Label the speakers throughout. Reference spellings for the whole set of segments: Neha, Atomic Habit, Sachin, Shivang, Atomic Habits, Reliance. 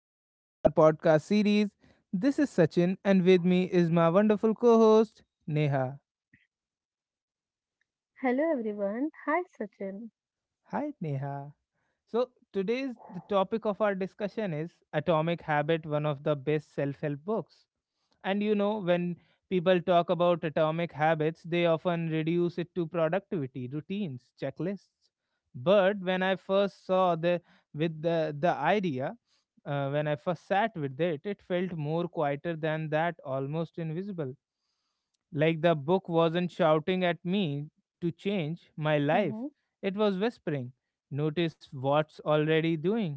Speaker 1: back to our podcast series. This is Sachin, and with me is my wonderful co host, Neha.
Speaker 2: Hello everyone. Hi Sachin.
Speaker 1: Hi, Neha. So today's the topic of our discussion is Atomic Habit, one of the best self help books. And you know, when people talk about atomic habits, they often reduce it to productivity, routines, checklists. But when I first saw the with the idea, when I first sat with it, it felt more quieter than that, almost invisible. Like the book wasn't shouting at me to change my life.
Speaker 2: hmm
Speaker 1: It was whispering, notice what's already doing,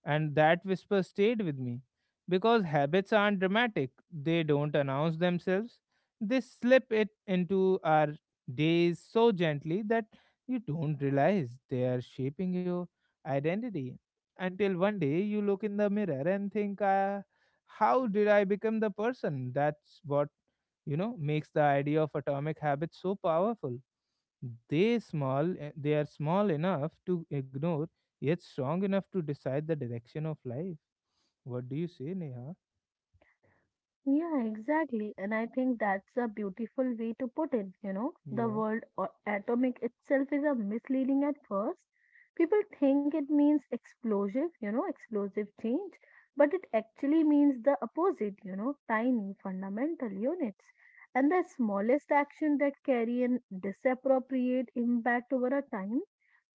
Speaker 1: and that whisper stayed with me because habits aren't dramatic, they don't announce themselves. They slip it into our days so gently that you don't realize they are shaping your identity until one day you look in the mirror and think, how did I become the person? That's what makes the idea of atomic habits so powerful. They small, they are small enough to ignore, yet strong enough to decide the direction of life. What do you say, Neha?
Speaker 2: Yeah, exactly. And I think that's a beautiful way to put it. The
Speaker 1: Yeah.
Speaker 2: word atomic itself is a misleading at first. People think it means explosive, explosive change, but it actually means the opposite, tiny fundamental units. And the smallest action that carry an disappropriate impact over a time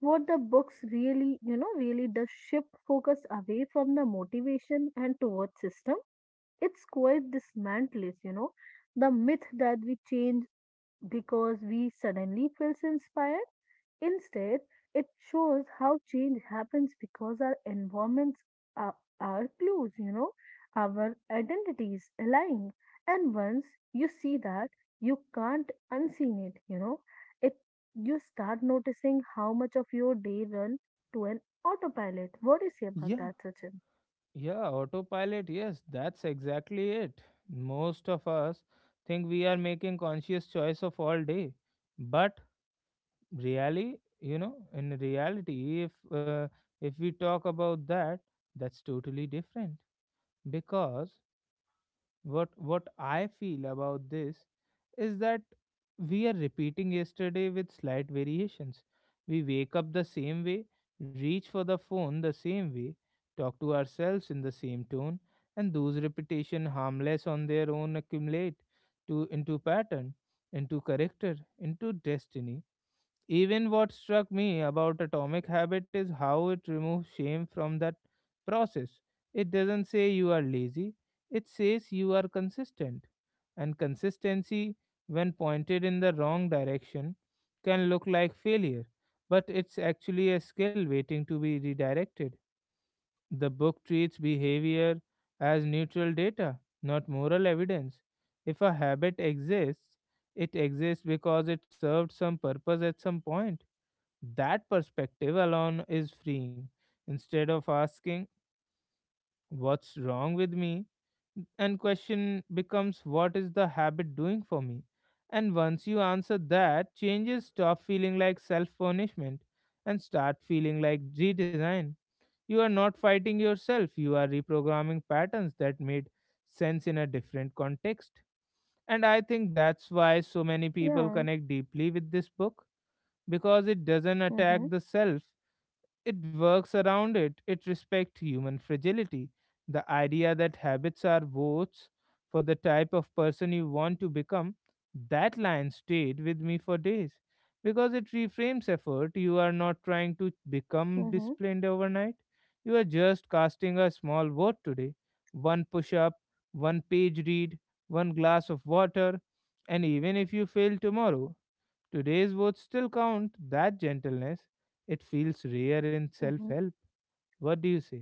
Speaker 2: what the books really, really does shift focus away from the motivation and towards system. It's quite dismantles, the myth that we change because we suddenly feels inspired. Instead, it shows how change happens because our environments are clues, our identities align. And once you see that, you can't unseen it. It you start noticing how much of your day run to an autopilot. What do you say about
Speaker 1: Yeah.
Speaker 2: that, Sachin?
Speaker 1: Yeah, autopilot, yes, that's exactly it. Most of us think we are making conscious choice of all day. But really, you know, in reality, if we talk about that, that's totally different because what I feel about this is that we are repeating yesterday with slight variations. We wake up the same way, reach for the phone the same way, talk to ourselves in the same tone, and those repetition harmless on their own accumulate to into pattern, into character, into destiny. Even what struck me about Atomic Habit is how it removes shame from that process. It doesn't say you are lazy, it says you are consistent. And consistency, when pointed in the wrong direction, can look like failure, but it's actually a skill waiting to be redirected. The book treats behavior as neutral data, not moral evidence. If a habit exists, it exists because it served some purpose at some point. That perspective alone is freeing. Instead of asking, what's wrong with me? And question becomes, what is the habit doing for me? And once you answer that, changes stop feeling like self punishment and start feeling like redesign. You are not fighting yourself, you are reprogramming patterns that made sense in a different context. And I think that's why so many people
Speaker 2: Yeah.
Speaker 1: connect deeply with this book because it doesn't attack
Speaker 2: Mm-hmm.
Speaker 1: the self, it works around it. It respects human fragility. The idea that habits are votes for the type of person you want to become, that line stayed with me for days because it reframes effort. You are not trying to become
Speaker 2: Mm-hmm.
Speaker 1: disciplined overnight, you are just casting a small vote today, one push up, one page read, one glass of water, and even if you fail tomorrow, today's words still count. That gentleness, it feels rare in self
Speaker 2: Mm-hmm.
Speaker 1: help. What do you say?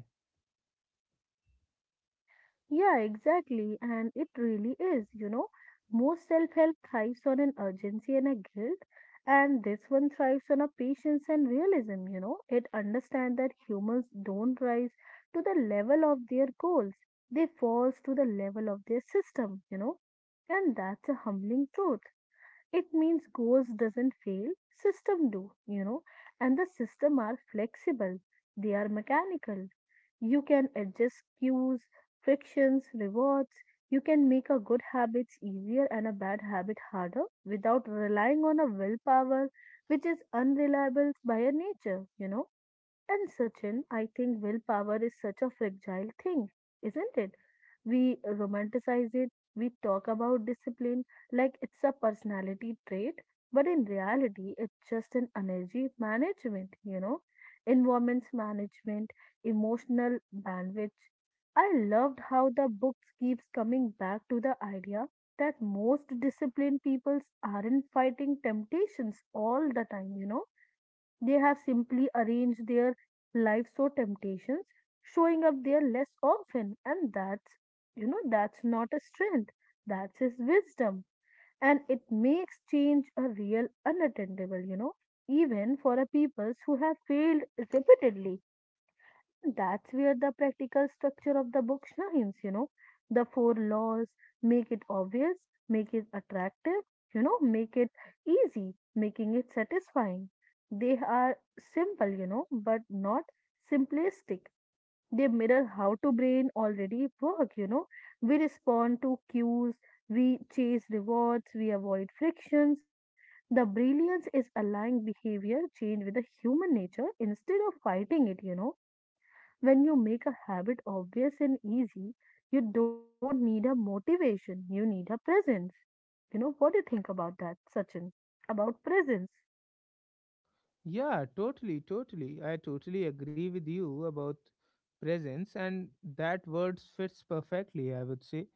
Speaker 2: Yeah, exactly. And it really is. Most self help thrives on an urgency and a guilt, and this one thrives on a patience and realism, It understands that humans don't rise to the level of their goals, they fall to the level of their system. And that's a humbling truth. It means goals doesn't fail, system do, and the system are flexible. They are mechanical. You can adjust cues, frictions, rewards. You can make a good habits easier and a bad habit harder without relying on a willpower which is unreliable by a nature, and Sachin, I think willpower is such a fragile thing, isn't it? We romanticize it, we talk about discipline like it's a personality trait, but in reality, it's just an energy management, environments management, emotional bandwidth. I loved how the book keeps coming back to the idea that most disciplined peoples aren't fighting temptations all the time, they have simply arranged their life so temptations showing up there less often, and that's you know that's not a strength. That's his wisdom, and it makes change a real unattainable. You know, even for a peoples who have failed repeatedly that's where the practical structure of the book shines, The four laws make it obvious, make it attractive, make it easy, making it satisfying. They are simple, but not simplistic. They mirror how to brain already work, We respond to cues, we chase rewards, we avoid frictions. The brilliance is aligning behavior change with the human nature instead of fighting it. When you make a habit obvious and easy, you don't need a motivation, you need a presence. What do you think about that, Sachin? About presence.
Speaker 1: Yeah, totally, totally. I totally agree with you about presence, and that word fits perfectly, I would say,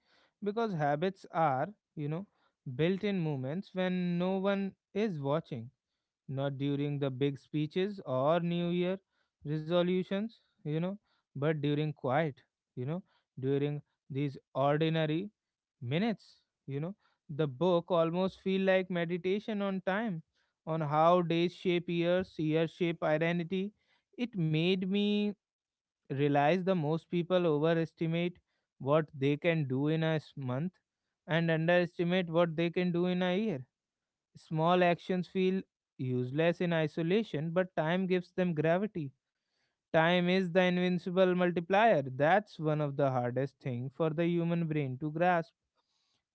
Speaker 1: because habits are, you know, built in moments when no one is watching, not during the big speeches or New Year resolutions, you know, but during quiet, you know, during these ordinary minutes. You know, the book almost feel like meditation on time, on how days shape years, years shape identity. It made me realize the most people overestimate what they can do in a month and underestimate what they can do in a year. Small actions feel useless in isolation, but time gives them gravity. Time is the invincible multiplier. That's one of the hardest things for the human brain to grasp.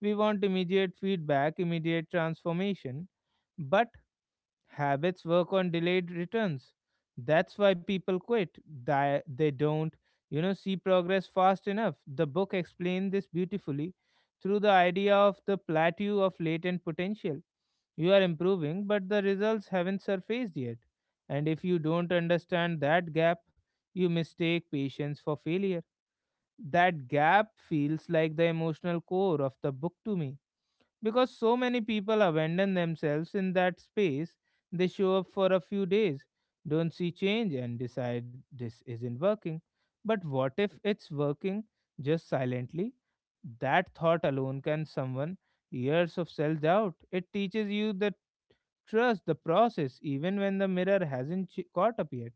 Speaker 1: We want immediate feedback, immediate transformation, but habits work on delayed returns. That's why people quit. They don't see progress fast enough. The book explained this beautifully through the idea of the plateau of latent potential. You are improving, but the results haven't surfaced yet. And if you don't understand that gap, you mistake patience for failure. That gap feels like the emotional core of the book to me because so many people abandon themselves in that space. They show up for a few days, don't see change, and decide this isn't working. But what if it's working, just silently? That thought alone can someone years of self doubt. It teaches you the trust the process even when the mirror hasn't ch- caught up yet,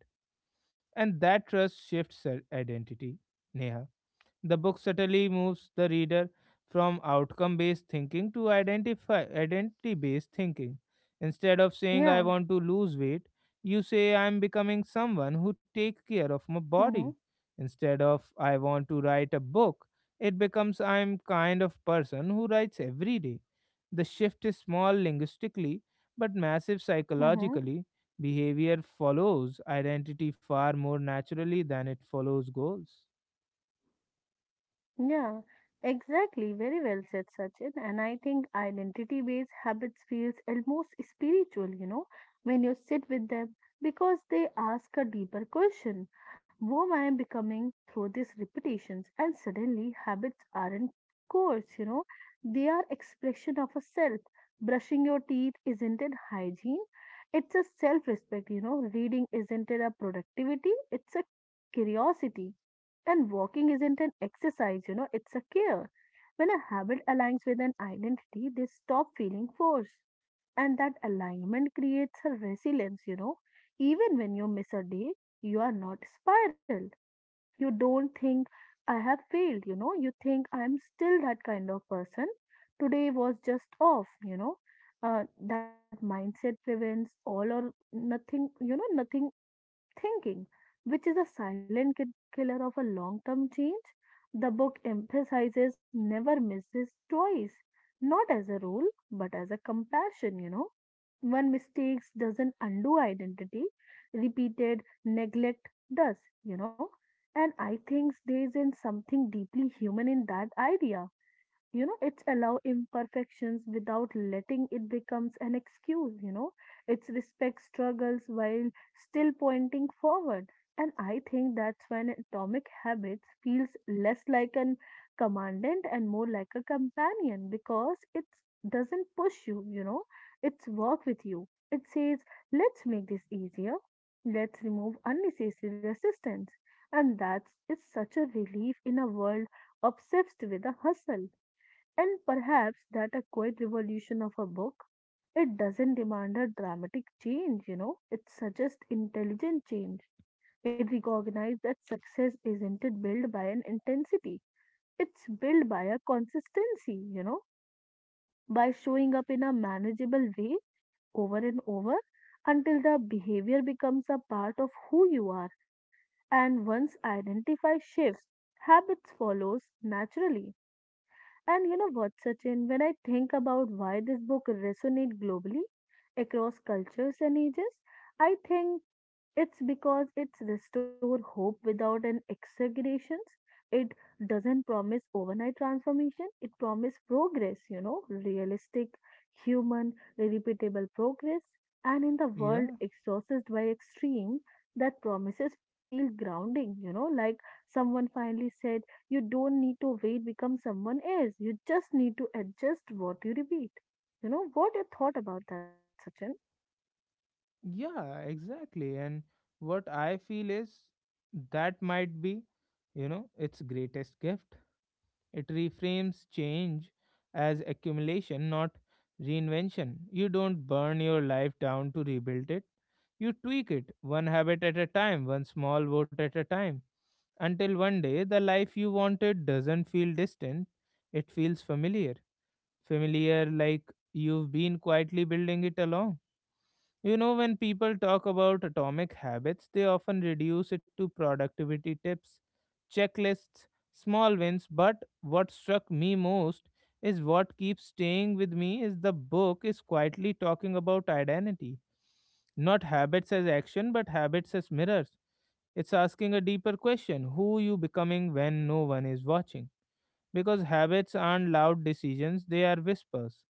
Speaker 1: and that trust shifts identity. Neha, the book subtly moves the reader from outcome based thinking to identify identity based thinking. Instead of saying I
Speaker 2: Yeah.
Speaker 1: want to lose weight, you say I'm becoming someone who take care of my
Speaker 2: Mm-hmm.
Speaker 1: body. Instead of I want to write a book, it becomes I'm kind of person who writes every day. The shift is small linguistically but massive
Speaker 2: Mm-hmm.
Speaker 1: psychologically. Behavior follows identity far more naturally than it follows goals.
Speaker 2: Yeah, exactly. Very well said, Sachin. And I think identity based habits feels almost spiritual, when you sit with them because they ask a deeper question. Who am I becoming through these repetitions? And suddenly habits aren't coarse, they are expression of a self. Brushing your teeth isn't it hygiene? It's a self-respect, Reading isn't it a productivity? It's a curiosity and walking isn't an exercise, it's a care. When a habit aligns with an identity, they stop feeling forced. And that alignment creates a resilience, Even when you miss a day, you are not spiraled. You don't think, I have failed, you know. You think, I am still that kind of person. Today was just off, That mindset prevents all or nothing, nothing thinking, which is a silent killer of a long term change. The book emphasizes never misses twice, not as a rule, but as a compassion, One mistakes doesn't undo identity, repeated neglect does, you know. And I think there is in something deeply human in that idea it's allow imperfections without letting it becomes an excuse it's respect struggles while still pointing forward and I think that's when atomic habits feels less like an commandant and more like a companion because it doesn't push you you know It's work with you it says let's make this easier let's remove unnecessary resistance and that's it's such a relief in a world obsessed with a hustle and perhaps that a quiet revolution of a book, it doesn't demand a dramatic change, it suggests intelligent change. It recognizes that success isn't it built by an intensity, it's built by a consistency, by showing up in a manageable way over and over until the behavior becomes a part of who you are. And once identify shifts, habits follows naturally. And you know what, Sachin, when I think about why this book resonates globally across cultures and ages, I think it's because it's restore hope without an exaggerations. It doesn't promise overnight transformation. It promise progress, realistic, human, repeatable progress. And in the world
Speaker 1: Yeah.
Speaker 2: exhausted by extreme, that promises feel grounding, like someone finally said, you don't need to wait, become someone else. You just need to adjust what you repeat. What you thought about that, Sachin?
Speaker 1: Yeah, exactly. And what I feel is that might be, you know, its greatest gift. It reframes change as accumulation, not reinvention. You don't burn your life down to rebuild it. You tweak it one habit at a time, one small vote at a time, until one day the life you wanted doesn't feel distant, it feels familiar. Familiar like you've been quietly building it along. You know, when people talk about atomic habits, they often reduce it to productivity tips, checklists, small wins. But what struck me most is what keeps staying with me is the book is quietly talking about identity. Not habits as action, but habits as mirrors. It's asking a deeper question, who you becoming when no one is watching? Because habits aren't loud decisions, they are whispers.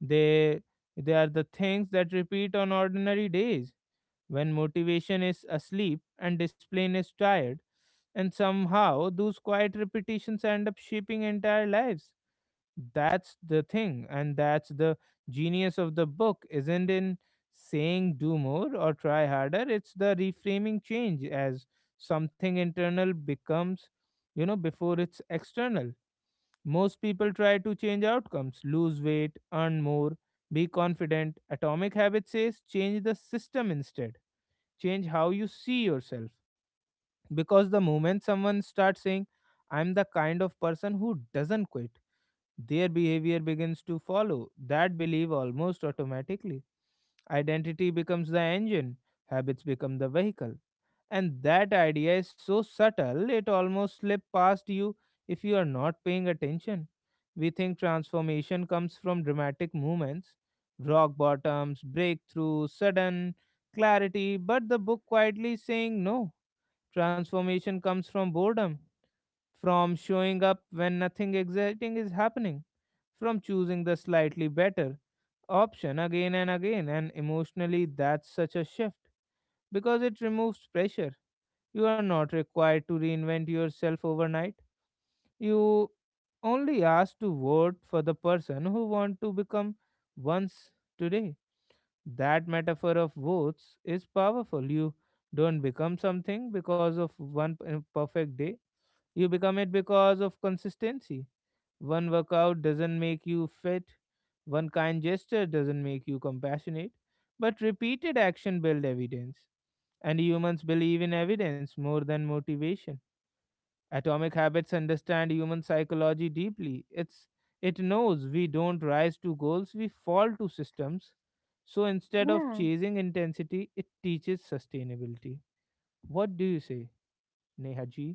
Speaker 1: They they are the things that repeat on ordinary days when motivation is asleep and discipline is tired, and somehow those quiet repetitions end up shaping entire lives. That's the thing, and that's the genius of the book isn't in saying do more or try harder, it's the reframing change as something internal becomes, you know, before it's external. Most people try to change outcomes, lose weight, earn more, be confident. Atomic Habit says change the system instead, change how you see yourself. Because the moment someone starts saying, I'm the kind of person who doesn't quit, their behavior begins to follow that belief almost automatically. Identity becomes the engine, habits become the vehicle. And that idea is so subtle, it almost slips past you if you are not paying attention. We think transformation comes from dramatic movements, rock bottoms, breakthrough, sudden clarity, but the book quietly saying no. Transformation comes from boredom, from showing up when nothing exciting is happening, from choosing the slightly better option again and again, and emotionally that's such a shift because it removes pressure. You are not required to reinvent yourself overnight. You only ask to vote for the person who want to become once today. That metaphor of votes is powerful. You don't become something because of perfect day. You become it because of consistency. One workout doesn't make you fit. One kind gesture doesn't make you compassionate. But repeated action build evidence. And humans believe in evidence more than motivation. Atomic habits understand human psychology deeply. It knows we don't rise to goals, we fall to systems. So instead of
Speaker 2: Yeah.
Speaker 1: chasing intensity, it teaches sustainability. What do you say, Neha ji?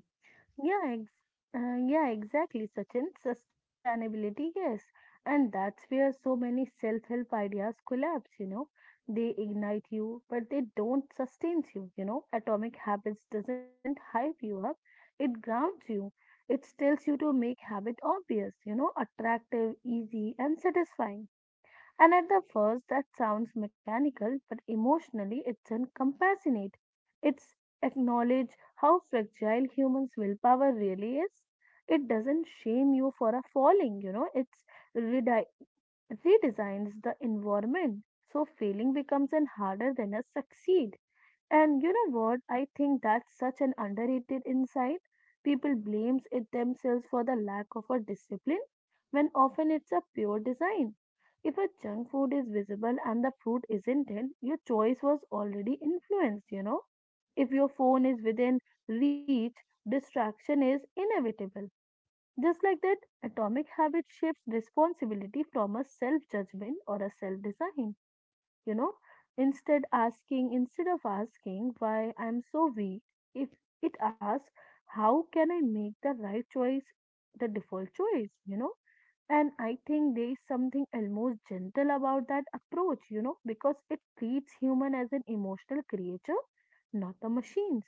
Speaker 2: Yeah, ex- yeah, exactly, Sachin. Sustainability, yes. And that's where so many self-help ideas collapse, They ignite you, but they don't sustain you, you know. Atomic Habits doesn't hype you up, it grounds you. It tells you to make habit obvious, attractive, easy, and satisfying. And at the first, that sounds mechanical, but emotionally, it's compassionate. It's acknowledge how fragile humans' willpower really is. It doesn't shame you for a falling, it's redi- redesigns the environment. So failing becomes an harder than a succeed. And you know what? I think that's such an underrated insight. People blames it themselves for the lack of a discipline when often it's a pure design. If a junk food is visible and the fruit isn't it, your choice was already influenced, If your phone is within reach, distraction is inevitable. Just like that, atomic habit shifts responsibility from a self judgment or a self design you know instead asking instead of asking why I'm so weak if it asks how can I make the right choice the default choice and I think there is something almost gentle about that approach because it treats human as an emotional creature not the machines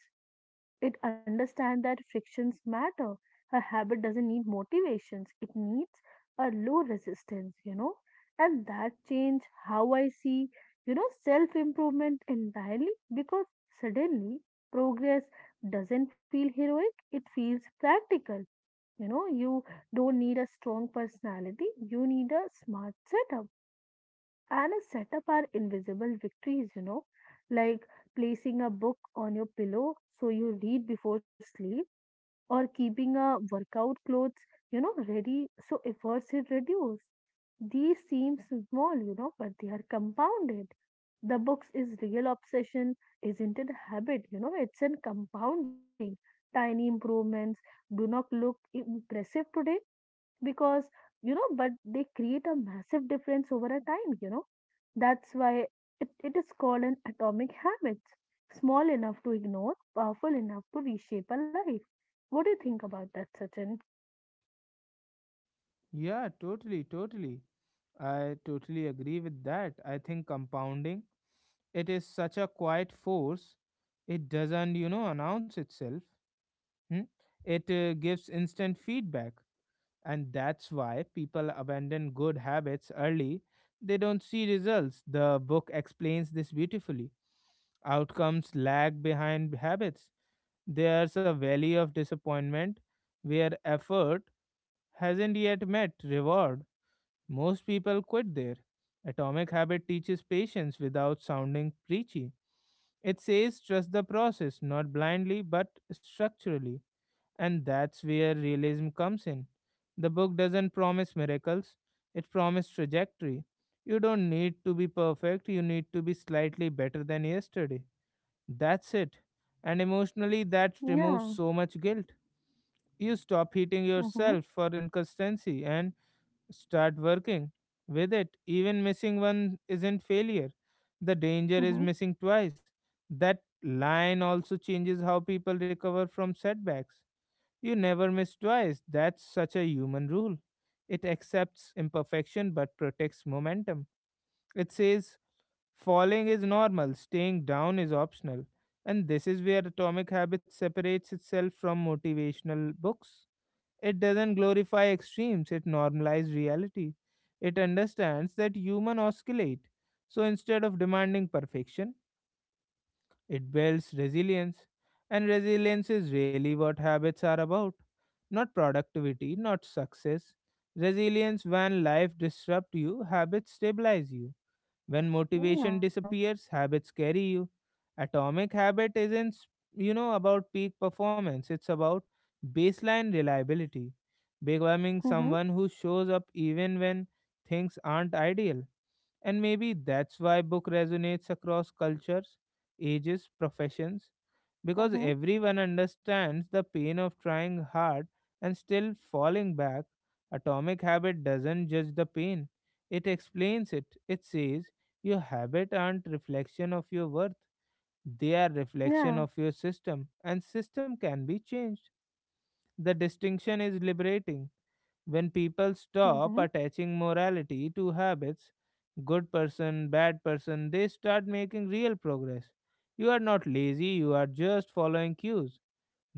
Speaker 2: it understands that frictions matter. A habit doesn't need motivations, it needs a low resistance, And that changed how I see, self improvement entirely because suddenly progress doesn't feel heroic, it feels practical. You don't need a strong personality, you need a smart setup. And a setup are invisible victories, like placing a book on your pillow so you read before sleep or keeping a workout clothes, ready so efforts is reduced. These seem small, but they are compounded. The books is real obsession, isn't it habit? It's in compounding. Tiny improvements do not look impressive today because, but they create a massive difference over a time, that's why it is called an atomic habit. Small enough to ignore, powerful enough to reshape a life. What do you think about that, Sachin?
Speaker 1: Yeah, totally, totally. I totally agree with that. I think compounding, it is such a quiet force. It doesn't announce itself. Hmm? It gives instant feedback. And that's why people abandon good habits early. They don't see results. The book explains this beautifully. Outcomes lag behind habits. There's a valley of disappointment where effort hasn't yet met reward. Most people quit there. Atomic Habit teaches patience without sounding preachy. It says trust the process, not blindly but structurally. And that's where realism comes in. The book doesn't promise miracles, it promises trajectory. You don't need to be perfect, you need to be slightly better than yesterday. That's it. And emotionally, that removes
Speaker 2: Yeah.
Speaker 1: so much guilt. You stop hating
Speaker 2: Mm-hmm.
Speaker 1: yourself for inconsistency and start working with it. Even missing one isn't failure, the danger is
Speaker 2: Mm-hmm.
Speaker 1: missing twice. That line also changes how people recover from setbacks. You never miss twice. That's such a human rule. It accepts imperfection but protects momentum. It says falling is normal, staying down is optional. And this is where Atomic Habits separates itself from motivational books. It doesn't glorify extremes, it normalizes reality. It understands that human oscillate. So instead of demanding perfection, it builds resilience, and resilience is really what habits are about. Not productivity, not success. Resilience. When life disrupts you, habits stabilize you. When motivation
Speaker 2: Yeah.
Speaker 1: disappears, habits carry you. Atomic habit isn't about peak performance, it's about baseline reliability. Becoming
Speaker 2: Mm-hmm.
Speaker 1: someone who shows up even when things aren't ideal. And maybe that's why book resonates across cultures, ages, professions, because
Speaker 2: Mm-hmm.
Speaker 1: everyone understands the pain of trying hard and still falling back. Atomic Habit doesn't judge the pain. It explains it. It says your habit aren't reflection of your worth. They are reflection
Speaker 2: Yeah.
Speaker 1: of your system and system can be changed. The distinction is liberating when people stop
Speaker 2: Mm-hmm.
Speaker 1: attaching morality to habits, good person, bad person, they start making real progress. You are not lazy, you are just following cues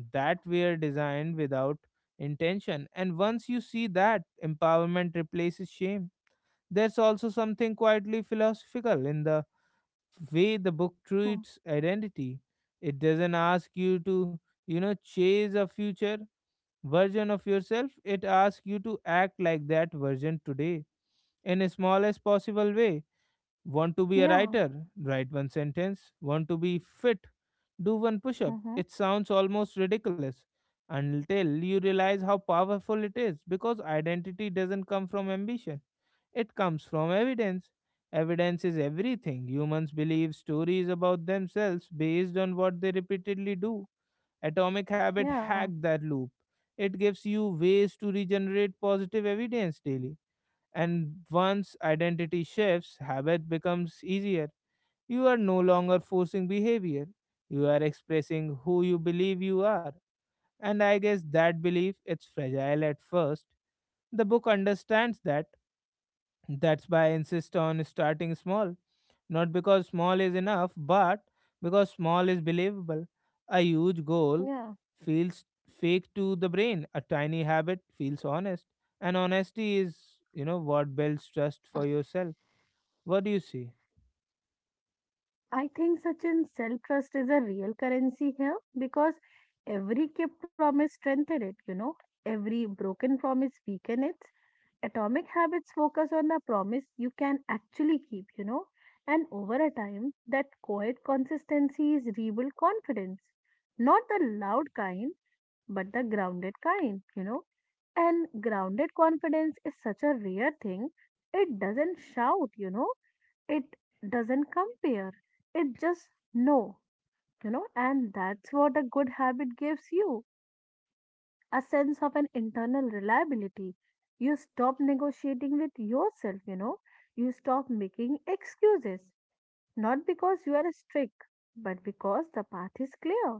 Speaker 1: that were designed without intention. And once you see that, empowerment replaces shame. There's also something quietly philosophical in the way the book treats identity. It doesn't ask you to, chase a future version of yourself, it asks you to act like that version today in the smallest possible way. Want to be a
Speaker 2: Yeah.
Speaker 1: writer? Write one sentence. Want to be fit? Do one push up.
Speaker 2: Mm-hmm.
Speaker 1: It sounds almost ridiculous until you realize how powerful it is because identity doesn't come from ambition, it comes from evidence. Evidence is everything. Humans believe stories about themselves based on what they repeatedly do. Atomic Habit
Speaker 2: Yeah.
Speaker 1: hacked that loop. It gives you ways to regenerate positive evidence daily. And once identity shifts, habit becomes easier. You are no longer forcing behavior. You are expressing who you believe you are. And I guess that belief it's fragile at first. The book understands that that's why I insist on starting small. Not because small is enough, but because small is believable. A huge goal
Speaker 2: Yeah.
Speaker 1: feels fake to the brain. A tiny habit feels honest. And honesty is, what builds trust for yourself. What do you see?
Speaker 2: I think Sachin, self trust is a real currency here because every kept promise strengthened it, every broken promise weakened it, Atomic habits focus on the promise you can actually keep, and over a time, that quiet consistency is rebuild confidence. Not the loud kind, but the grounded kind, And grounded confidence is such a rare thing. It doesn't shout, it doesn't compare. It just know, and that's what a good habit gives you a sense of an internal reliability. You stop negotiating with yourself, you know. You stop making excuses, not because you are strict, but because the path is clear.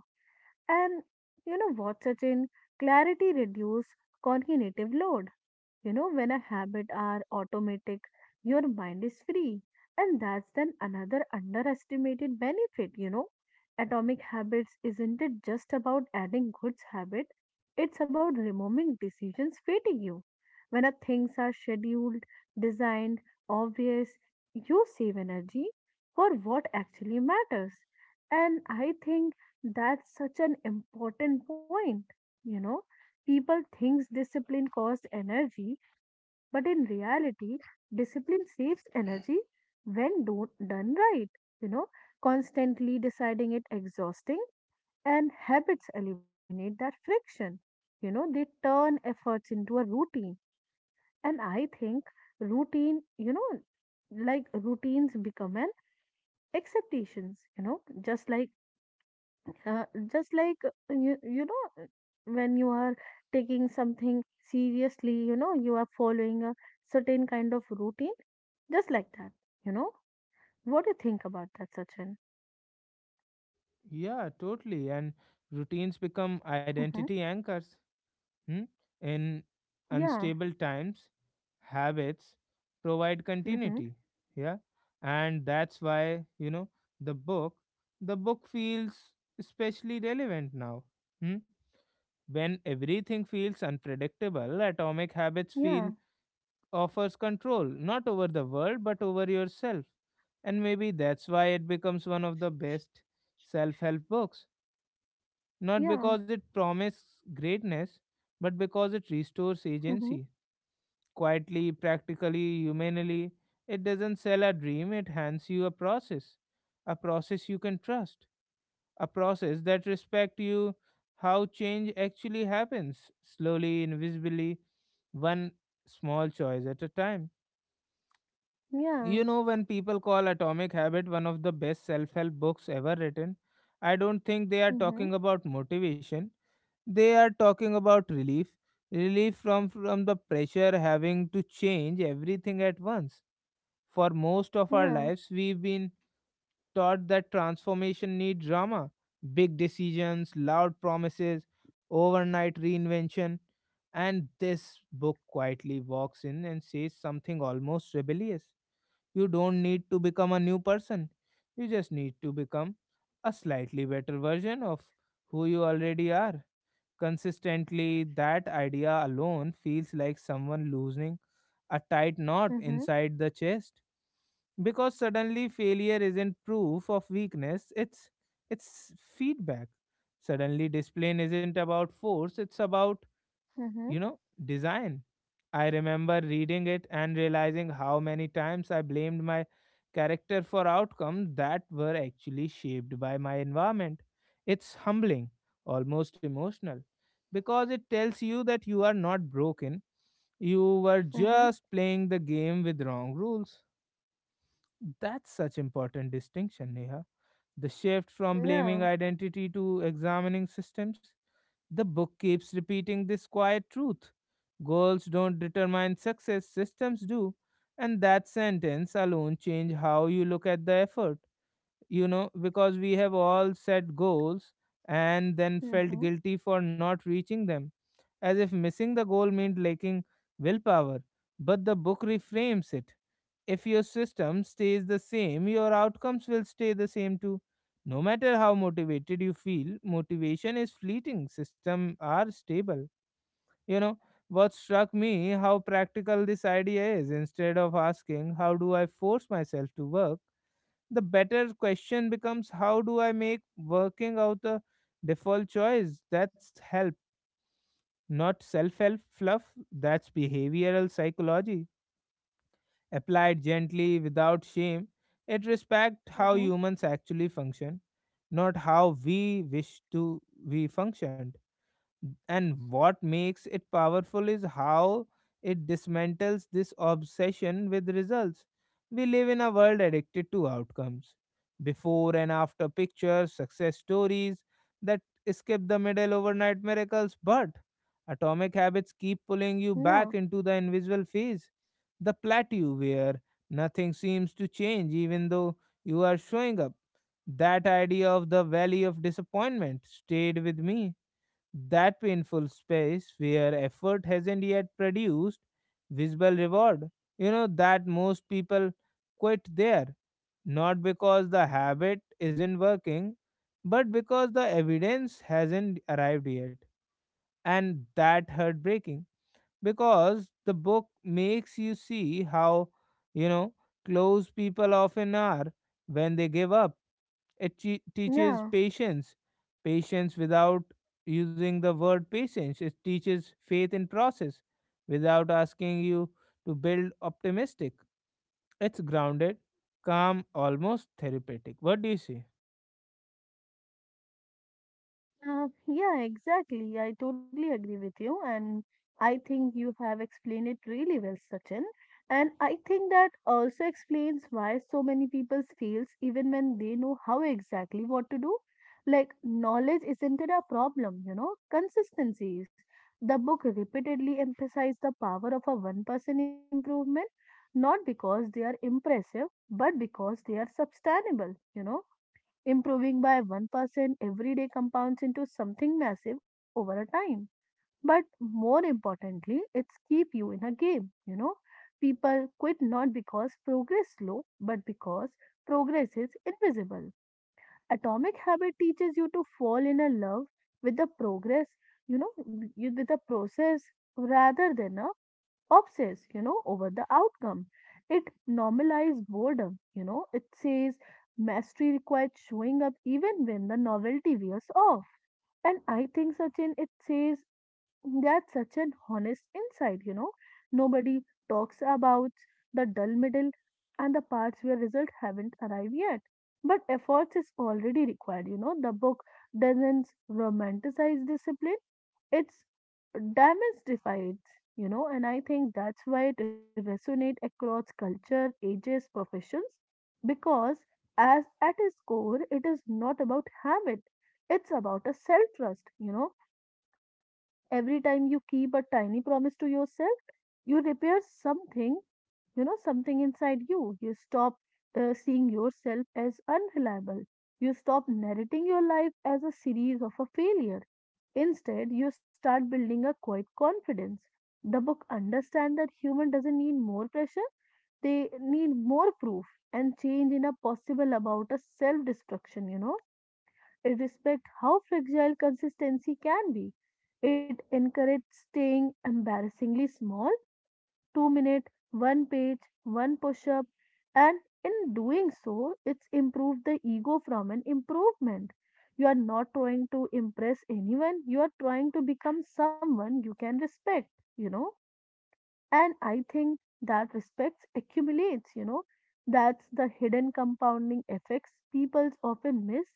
Speaker 2: And you know what, Sachin? Clarity reduces cognitive load. When a habit are automatic, your mind is free. And that's then another underestimated benefit, Atomic habits isn't it just about adding good habit, it's about removing decisions fatigue you. When our things are scheduled, designed, obvious, you save energy for what actually matters. And I think that's such an important point. You know, people thinks discipline costs energy, but in reality, discipline saves energy when done right. You know, constantly deciding it exhausting and habits eliminate that friction they turn efforts into a routine and I think routine, like routines become an acceptations, you know, just like, uh, just like, you, you know, when you are taking something seriously, you are following a certain kind of routine, just like that, you know. What do you think about that, Sachin?
Speaker 1: Yeah, totally. And routines become
Speaker 2: Mm-hmm.
Speaker 1: identity anchors. Hmm? In
Speaker 2: Yeah.
Speaker 1: unstable times, habits provide
Speaker 2: Mm-hmm.
Speaker 1: continuity. Yeah. And that's why, the book, the book feels especially relevant now. Hmm? When everything feels unpredictable, atomic habits
Speaker 2: Yeah.
Speaker 1: feel offers control, not over the world, but over yourself. And maybe that's why it becomes one of the best self help books, not
Speaker 2: Yeah.
Speaker 1: because it promises greatness, but because it restores
Speaker 2: Mm-hmm.
Speaker 1: agency. Quietly, practically, humanely, it doesn't sell a dream, it hands you a process. A process you can trust. A process that respects you how change actually happens, slowly, invisibly, one small choice at a time.
Speaker 2: Yeah.
Speaker 1: When people call Atomic Habit one of the best self help books ever written, I don't think they are
Speaker 2: Mm-hmm.
Speaker 1: talking about motivation, they are talking about relief from the pressure having to change everything at once. For most of our
Speaker 2: Yeah.
Speaker 1: lives we've been taught that transformation need drama, big decisions, loud promises, overnight reinvention. And this book quietly walks in and says something almost rebellious. You don't need to become a new person. You just need to become a slightly better version of who you already are. Consistently, that idea alone feels like someone loosening a tight knot
Speaker 2: Mm-hmm.
Speaker 1: inside the chest, because suddenly failure isn't proof of weakness, it's feedback. Suddenly discipline isn't about force, it's about,
Speaker 2: Mm-hmm.
Speaker 1: you know, design. I remember reading it and realizing how many times I blamed my character for outcomes that were actually shaped by my environment. It's humbling, almost emotional, because it tells you that you are not broken, you were
Speaker 2: Mm-hmm.
Speaker 1: just playing the game with wrong rules. That's such important distinction, Neha. The shift from blaming
Speaker 2: Yeah.
Speaker 1: identity to examining systems. The book keeps repeating this quiet truth: goals don't determine success, systems do. And that sentence alone change how you look at the effort. Because we have all set goals and then felt
Speaker 2: Mm-hmm.
Speaker 1: guilty for not reaching them, as if missing the goal meant lacking willpower. But the book reframes it, if your system stays the same, your outcomes will stay the same too. No matter how motivated you feel, motivation is fleeting, systems are stable. You know, what struck me how practical this idea is. Instead of asking, how do I force myself to work, the better question becomes, how do I make working out a default choice? That's help, not self help fluff, that's behavioral psychology applied gently without shame, it respects how
Speaker 2: Mm-hmm.
Speaker 1: humans actually function, not how we wish to we function. And what makes it powerful is how it dismantles this obsession with results. We live in a world addicted to outcomes. Before and after pictures, success stories that skip the middle, overnight miracles, but atomic habits keep
Speaker 2: Yeah.
Speaker 1: pulling you back into the invisible phase, the plateau where nothing seems to change even though you are showing up. That idea of the valley of disappointment stayed with me, that painful space where effort hasn't yet produced visible reward. You know that most people quit there, not because the habit isn't working, but because the evidence hasn't arrived yet. And that heartbreaking, because the book makes you see how, you know, close people often are when they give up. It teaches
Speaker 2: Yeah,
Speaker 1: patience, patience without using the word patience. It teaches faith in process without asking you to build optimistic. It's grounded, calm, almost therapeutic. What do you say?
Speaker 2: yeah, exactly. I totally agree with you. And I think you have explained it really well, Sachin. And I think that also explains why so many people fails even when they know how exactly what to do. Like, knowledge isn't it a problem, you know? Consistency is. The book repeatedly emphasized the power of a 1% improvement, not because they are impressive, but because they are sustainable, you know? Improving by 1% every day compounds into something massive over a time. But more importantly, it's keep you in a game, you know. People quit not because progress is slow, but because progress is invisible. Atomic habit teaches you to fall in a love with the progress, you know, with the process rather than a obsess, you know, over the outcome. It normalizes boredom, you know, it says mastery requires showing up even when the novelty wears off. And I think Sachin, it says that's such an honest insight, you know. Nobody talks about the dull middle and the parts where results haven't arrived yet. But efforts is already required, you know. The book doesn't romanticize discipline, it's demystified, you know. And I think that's why it resonates across culture, ages, professions, because as at its core it is not about habit, it's about a self trust, you know. Every time you keep a tiny promise to yourself, you repair something, you know, something inside you. You stop seeing yourself as unreliable, you stop narrating your life as a series of a failure. Instead, you start building a quiet confidence. The book understands that human doesn't need more pressure, they need more proof, and change in a possible about a self destruction, you know. It respect how fragile consistency can be, it encourages staying embarrassingly small. 2 minutes, one page, one push up, and in doing so, it's improved the ego from an improvement. You are not trying to impress anyone, you are trying to become someone you can respect, you know. And I think that respect accumulates, you know. That's the hidden compounding effects people often miss,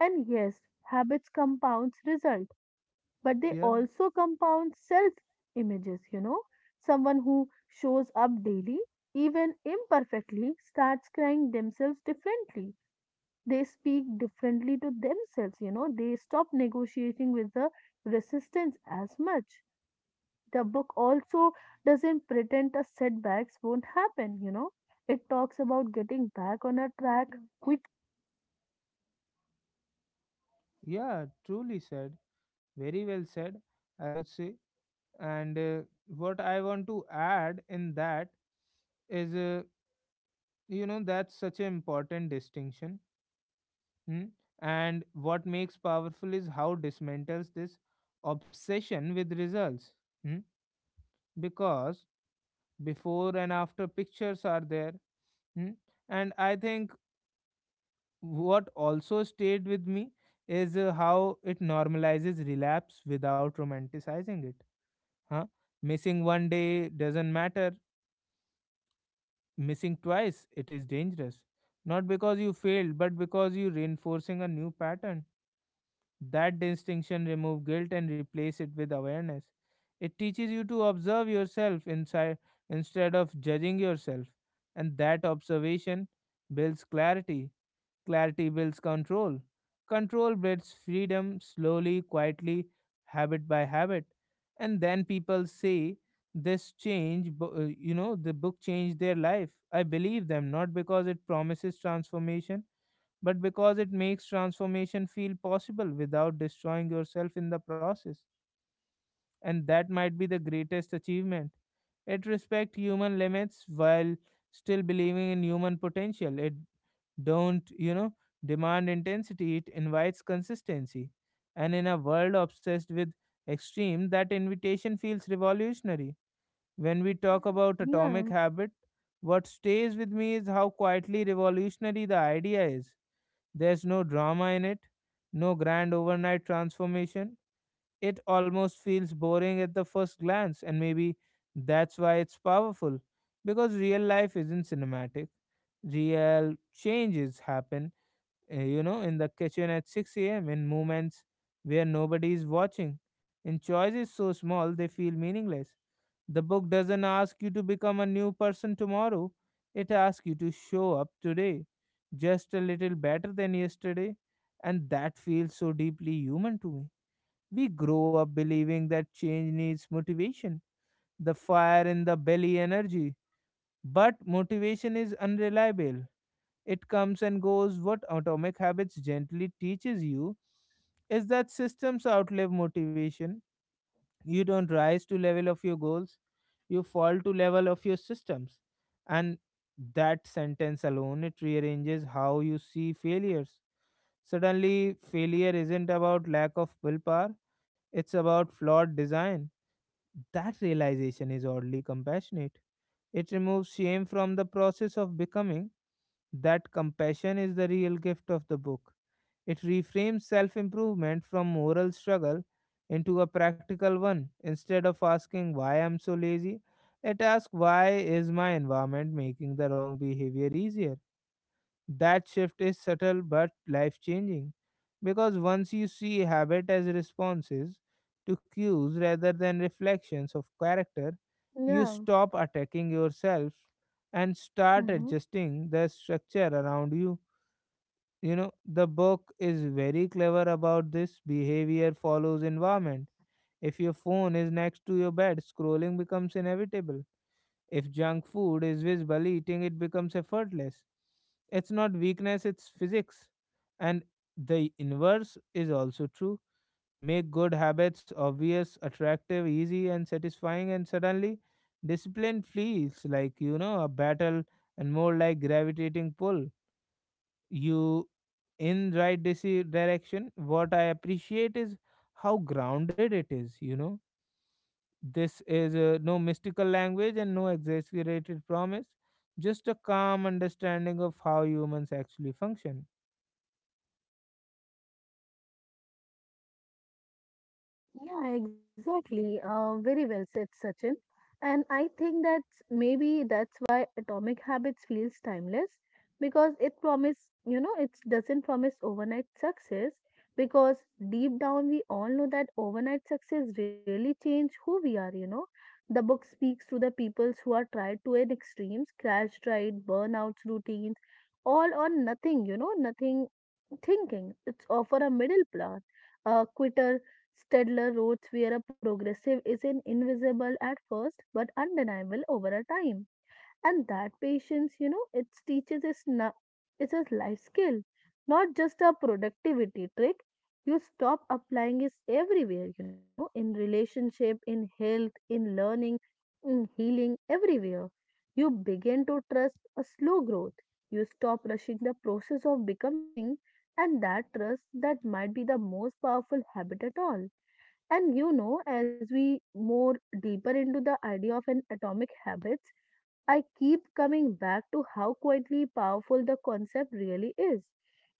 Speaker 2: and yes, habits compounds result, but they
Speaker 1: Yeah,
Speaker 2: also compound self images, you know. Someone who shows up daily, even imperfectly, starts crying themselves differently. They speak differently to themselves, you know. They stop negotiating with the resistance as much. The book also doesn't pretend the setbacks won't happen, you know. It talks about getting back on a track. Quick.
Speaker 1: yeah, truly said. Very well said, I would say. And what I want to add in that is, that's such an important distinction. Mm. And what makes powerful is how dismantles this obsession with results. Mm. Because before and after pictures are there. Mm. And I think what also stayed with me is how it normalizes relapse without romanticizing it. Huh? Missing one day doesn't matter. Missing twice, it is dangerous. Not because you failed, but because you're reinforcing a new pattern. That distinction removes guilt and replace it with awareness. It teaches you to observe yourself inside instead of judging yourself, and that observation builds clarity. Clarity builds control. Control builds freedom, slowly, quietly, habit by habit. And then people say, the book changed their life. I believe them, not because it promises transformation, but because it makes transformation feel possible without destroying yourself in the process. And that might be the greatest achievement. It respects human limits while still believing in human potential. It don't, demand intensity, it invites consistency. And in a world obsessed with extreme, that invitation feels revolutionary. When we talk about
Speaker 2: Yeah,
Speaker 1: atomic habit, what stays with me is how quietly revolutionary the idea is. There's no drama in it, no grand overnight transformation. It almost feels boring at the first glance, and maybe that's why it's powerful. Because real life isn't cinematic. Real changes happen, in the kitchen at 6 a.m., in moments where nobody is watching, in choices so small they feel meaningless. The book doesn't ask you to become a new person tomorrow, it asks you to show up today, just a little better than yesterday. And that feels so deeply human to me. We grow up believing that change needs motivation, the fire in the belly energy. But motivation is unreliable. It comes and goes. What Atomic Habits gently teaches you is that systems outlive motivation. You don't rise to level of your goals, you fall to level of your systems. And that sentence alone, it rearranges how you see failures. Suddenly failure isn't about lack of willpower, it's about flawed design. That realization is oddly compassionate. It removes shame from the process of becoming. That compassion is the real gift of the book. It reframes self improvement from moral struggle into a practical one. Instead of asking why I'm so lazy, it asks why is my environment making the wrong behavior easier. That shift is subtle but life changing, because once you see habit as responses to cues rather than reflections of character, you
Speaker 2: yeah.
Speaker 1: stop attacking yourself and start
Speaker 2: Mhm.
Speaker 1: adjusting the structure around you. The book is very clever about this. Behavior follows environment. If your phone is next to your bed, scrolling becomes inevitable. If junk food is visible, eating it becomes effortless. It's not weakness, it's physics. And the inverse is also true. Make good habits obvious, attractive, easy, and satisfying, and suddenly discipline feels like, a battle, and more like gravitating pull you in right direction. What I appreciate is how grounded it is. This is, no mystical language and no exaggerated promise, just a calm understanding of how humans actually function.
Speaker 2: Yeah, exactly. Very well said, Sachin. And I think that's maybe that's why Atomic Habits feels timeless, because it promise, you know, it doesn't promise overnight success, because deep down we all know that overnight success really change who we are, you know. The book speaks to the peoples who are tried to an extremes, crash diet, burnouts, routines, all or nothing, you know, nothing thinking. It's offer a middle path, a quitter Stedler wrote, where a progressive is in invisible at first but undeniable over a time. And that patience, you know, it teaches us no, it's a life skill, not just a productivity trick. You stop applying it everywhere, you know, in relationship, in health, in learning, in healing, everywhere. You begin to trust a slow growth. You stop rushing the process of becoming, and that trust, that might be the most powerful habit at all. And you know, as we more deeper into the idea of an atomic habits, I keep coming back to how quietly powerful the concept really is.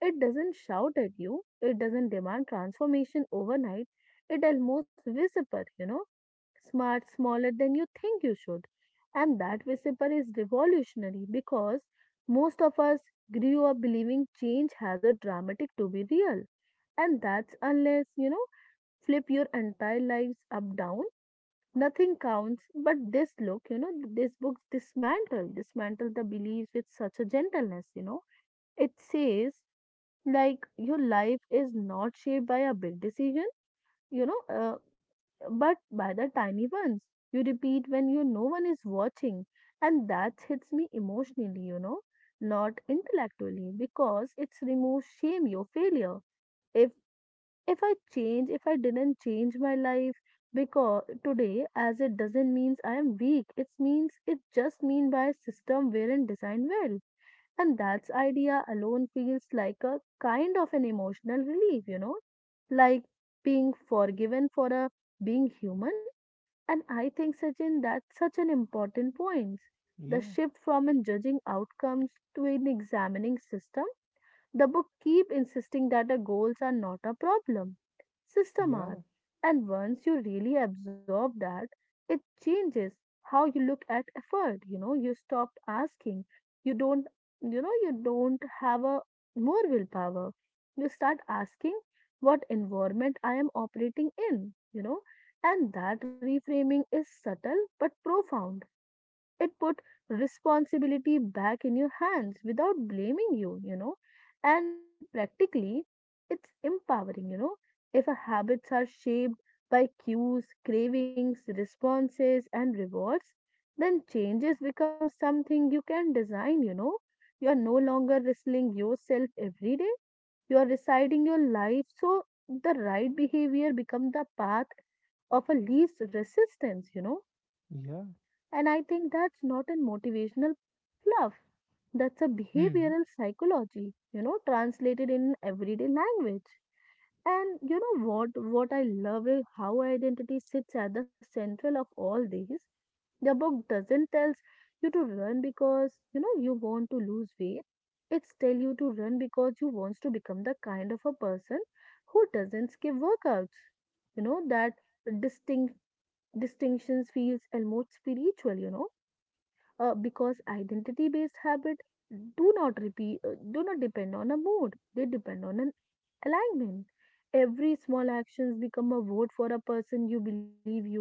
Speaker 2: It doesn't shout at you, it doesn't demand transformation overnight, it almost whisper, you know, smart, smaller than you think you should. And that whisper is revolutionary, because most of us grew up believing change has a dramatic to be real. And that's unless, you know, flip your entire lives up down, nothing counts but this look, you know. This book dismantle the beliefs with such a gentleness, you know. It says, like, your life is not shaped by a big decision, you know, but by the tiny ones you repeat when you no one is watching. And that hits me emotionally, you know, not intellectually, because it's removes shame your failure. If if I change, if I didn't change my life because today, as it doesn't means I am weak. It means it just mean by a system weren't designed well. And that's idea alone feels like a kind of an emotional relief, you know, like being forgiven for a being human. And I think Sachin, that's such an important point. The
Speaker 1: Yeah,
Speaker 2: shift from in judging outcomes to in examining system. The book keep insisting that the goals are not a problem. System
Speaker 1: yeah,
Speaker 2: are. And once you really absorb that, it changes how you look at effort. You know, you stop asking. You don't, you know, you don't have a more willpower. You start asking what environment I am operating in, you know, and that reframing is subtle but profound. It put responsibility back in your hands without blaming you, you know. And practically, it's empowering, you know. If our habits are shaped by cues, cravings, responses and rewards, then changes become something you can design, you know. You are no longer wrestling yourself every day, you are deciding your life, so the right behavior becomes the path of a least resistance, you know.
Speaker 1: yeah.
Speaker 2: And I think that's not a motivational fluff. That's a
Speaker 1: Hmm?
Speaker 2: behavioral psychology, you know, translated in everyday language. And you know what? What I love is how identity sits at the central of all these. The book doesn't tell you to run because you know you want to lose weight. It's tell you to run because you wants to become the kind of a person who doesn't skip workouts. You know that distinct distinctions feels almost spiritual. You know, because identity based habit do not depend on a mood, they depend on an alignment. Every small actions become a vote for a person you believe you are,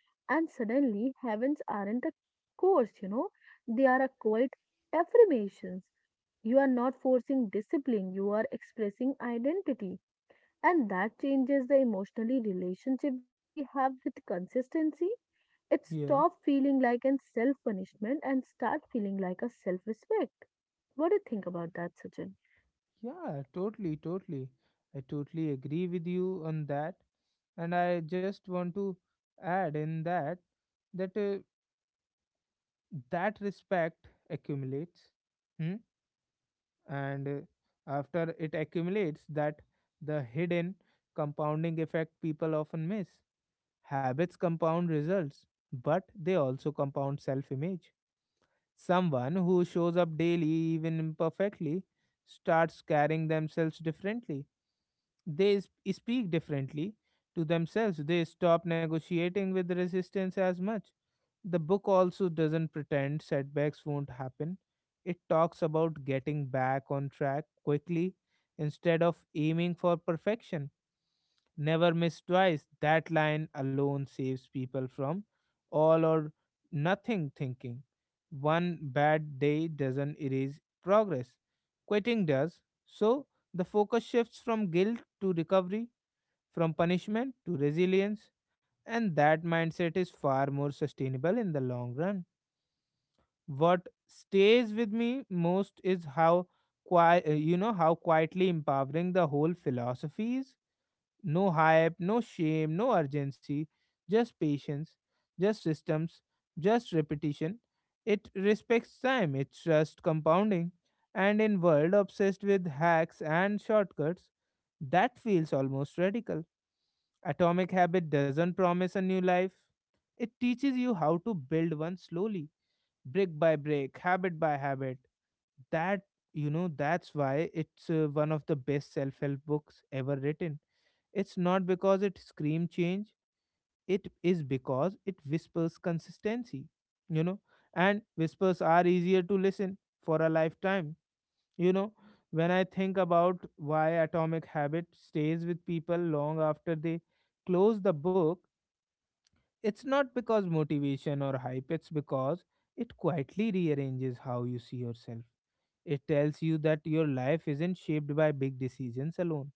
Speaker 2: and suddenly heavens aren't a course, you know, they are a quiet affirmations. You are not forcing discipline, you are expressing identity, and that changes the emotionally relationship we have with consistency. It
Speaker 1: Yeah,
Speaker 2: stops feeling like an self punishment and start feeling like a self respect. What do you think about that, Sachin?
Speaker 1: yeah, totally, totally, I totally agree with you on that. And I just want to add in that that uh, that respect accumulates. Hmm. And after it accumulates that, the hidden compounding effect people often miss. Habits compound results, but they also compound self image. Someone who shows up daily, even imperfectly, starts carrying themselves differently. They speak differently to themselves, they stop negotiating with resistance as much. The book also doesn't pretend setbacks won't happen. It talks about getting back on track quickly instead of aiming for perfection. Never miss twice. That line alone saves people from all or nothing thinking. One bad day doesn't erase progress, quitting does. So the focus shifts from guilt to recovery, from punishment to resilience, and that mindset is far more sustainable in the long run. What stays with me most is how quiet you know how quietly empowering the whole philosophy is. No hype, no shame, no urgency, just patience, just systems, just repetition. It respects time, it trusts compounding, and in world obsessed with hacks and shortcuts, that feels almost radical. Atomic habit doesn't promise a new life, it teaches you how to build one slowly, brick by brick, habit by habit. That, that's why it's one of the best self help books ever written. It's not because it screams change, it is because it whispers consistency, you know, and whispers are easier to listen for a lifetime, you know. When I think about why Atomic Habit stays with people long after they close the book, it's not because motivation or hype, it's because it quietly rearranges how you see yourself. It tells you that your life isn't shaped by big decisions alone,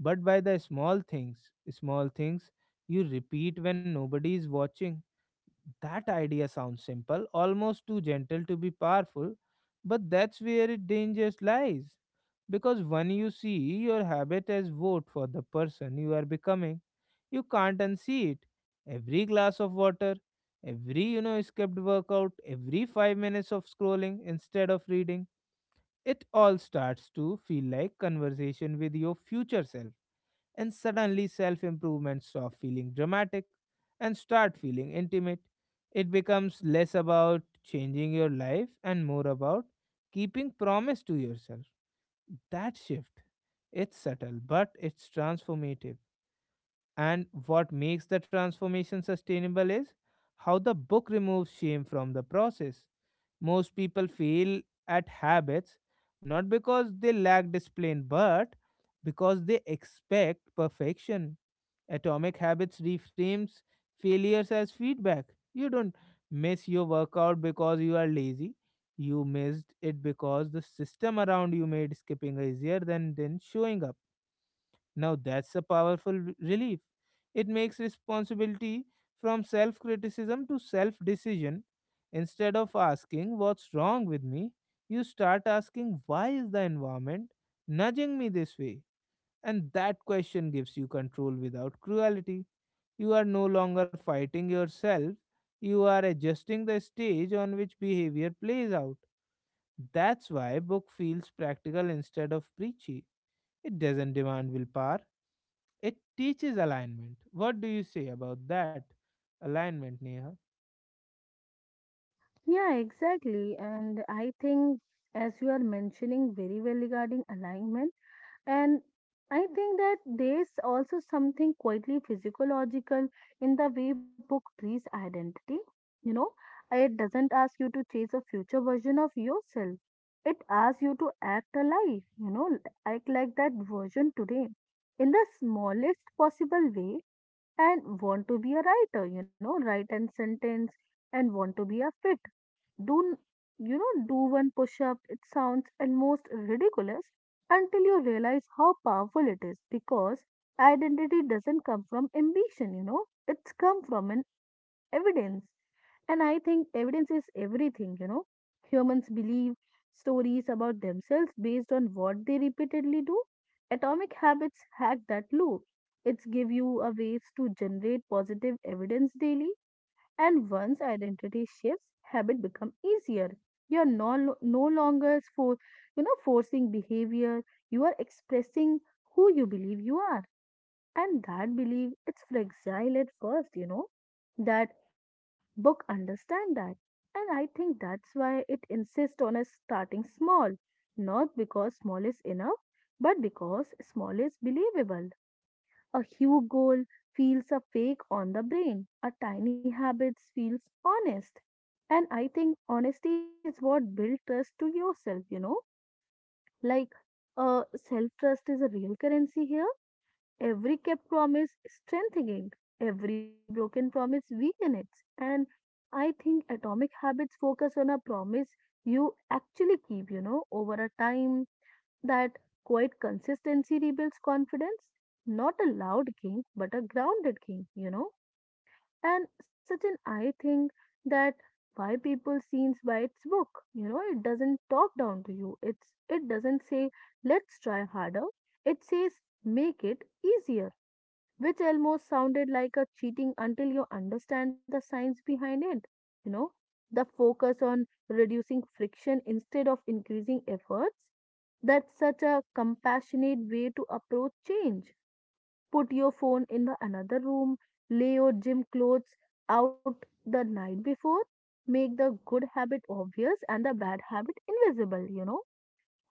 Speaker 1: but by the small things you repeat when nobody is watching. That idea sounds simple, almost too gentle to be powerful, but that's where it dangerous lies. Because when you see your habit as vote for the person you are becoming, you can't unsee it. Every glass of water, every escaped workout, every 5 minutes of scrolling instead of reading, it all starts to feel like conversation with your future self, and suddenly self improvement stop feeling dramatic and start feeling intimate. It becomes less about changing your life and more about keeping promise to yourself. That shift, it's subtle but it's transformative. And what makes the transformation sustainable is how the book removes shame from the process. Most people fail at habits not because they lack discipline, but because they expect perfection. Atomic Habits reframes failures as feedback. You don't miss your workout because you are lazy. You missed it because the system around you made skipping easier than then showing up. Now that's a powerful relief. It makes responsibility from self criticism to self decision. Instead of asking, "What's wrong with me?" you start asking, "Why is the environment nudging me this way?" And that question gives you control without cruelty. You are no longer fighting yourself, you are adjusting the stage on which behavior plays out. That's why book feels practical instead of preachy. It doesn't demand willpower, it teaches alignment. What do you say about that? Alignment, Neha.
Speaker 2: Yeah, exactly. And I think, as you are mentioning very well regarding alignment. And I think that there's also something quietly physiological in the way book treats identity. You know, it doesn't ask you to chase a future version of yourself. It asks you to act alive, you know, act like that version today in the smallest possible way. And want to be a writer, you know, write and sentence. And want to be a fit, do n- you know, do one push up. It sounds almost ridiculous until you realize how powerful it is, because identity doesn't come from ambition, you know, it's come from an evidence. And I think evidence is everything, you know. Humans believe stories about themselves based on what they repeatedly do. Atomic habits hack that loop, it's give you a ways to generate positive evidence daily, and once identity shifts, habit become easier. You are no longer you know, forcing behavior. You are expressing who you believe you are. And that belief, it's fragile at first, you know. That book understand that. And I think that's why it insists on us starting small. Not because small is enough, but because small is believable. A hue goal feels a fake on the brain. A tiny habits feels honest. And I think honesty is what builds trust to yourself, you know? Like, self trust is a real currency here. Every kept promise strengthening it, every broken promise weaken it. And I think atomic habits focus on a promise you actually keep, you know, over a time. That quiet consistency rebuilds confidence. Not a loud king, but a grounded king, you know. And such an, I think, that why people scenes by its book. You know, it doesn't talk down to you. It's it doesn't say let's try harder. It says make it easier, which almost sounded like a cheating until you understand the science behind it. You know, the focus on reducing friction instead of increasing efforts. That's such a compassionate way to approach change. Put your phone in the another room, lay your gym clothes out the night before, make the good habit obvious and the bad habit invisible, you know.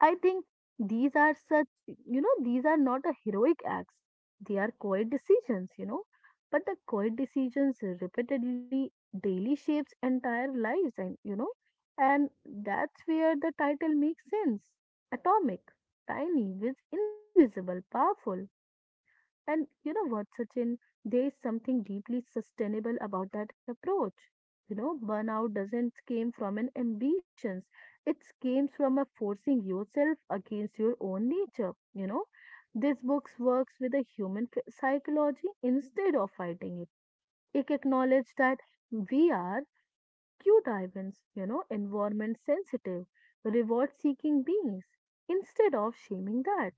Speaker 2: I think these are such, you know, these are not a heroic acts. They are quiet decisions, you know. But the quiet decisions repeatedly daily shapes entire lives, and you know, and that's where the title makes sense. Atomic, tiny, with invisible, powerful. And you know what, Sachin? There is something deeply sustainable about that approach. Burnout doesn't came from an ambitions. It came from a forcing yourself against your own nature. This book works with a human psychology instead of fighting it. It acknowledges that we are Q divins, environment sensitive, reward seeking beings, instead of shaming that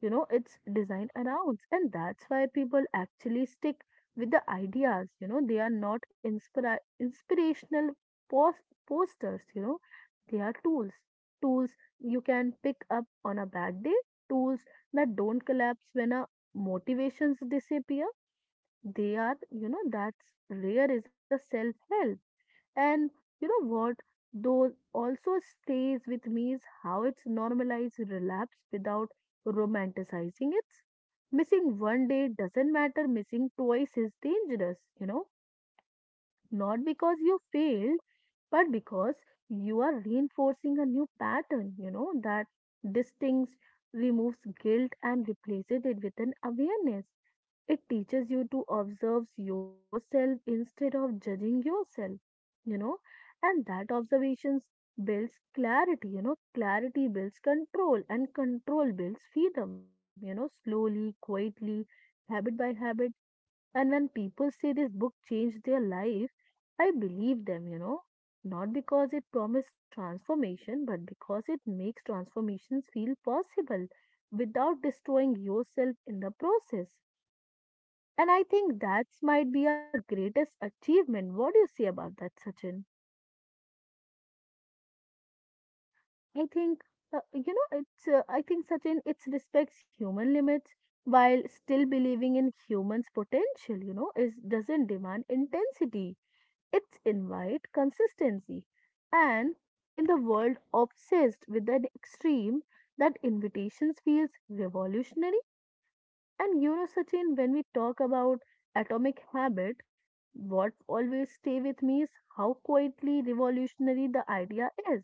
Speaker 2: it's designed around, and that's why people actually stick with the ideas. They are not inspirational, posters. They are tools, tools you can pick up on a bad day, tools that don't collapse when a motivations disappear. They are, that's rare is a self help. And you know what? Though also stays with me is how it's normalized relapse without romanticizing it. Missing one day doesn't matter, missing twice is dangerous, not because you failed, but because you are reinforcing a new pattern, that distinct removes guilt and replaces it with an awareness. It teaches you to observe yourself instead of judging yourself, you know, and that observations builds clarity, clarity builds control, and control builds freedom, slowly, quietly, habit by habit. And when people say this book changed their life, I believe them, not because it promised transformation, but because it makes transformations feel possible without destroying yourself in the process. And I think that might be our greatest achievement. What do you say about that, Sachin? I think Sachin, it respects human limits while still believing in humans' potential. Is doesn't demand intensity. It's invite consistency, and in the world obsessed with an extreme, that invitations feels revolutionary. And Sachin, when we talk about atomic habit, what always stay with me is how quietly revolutionary the idea is.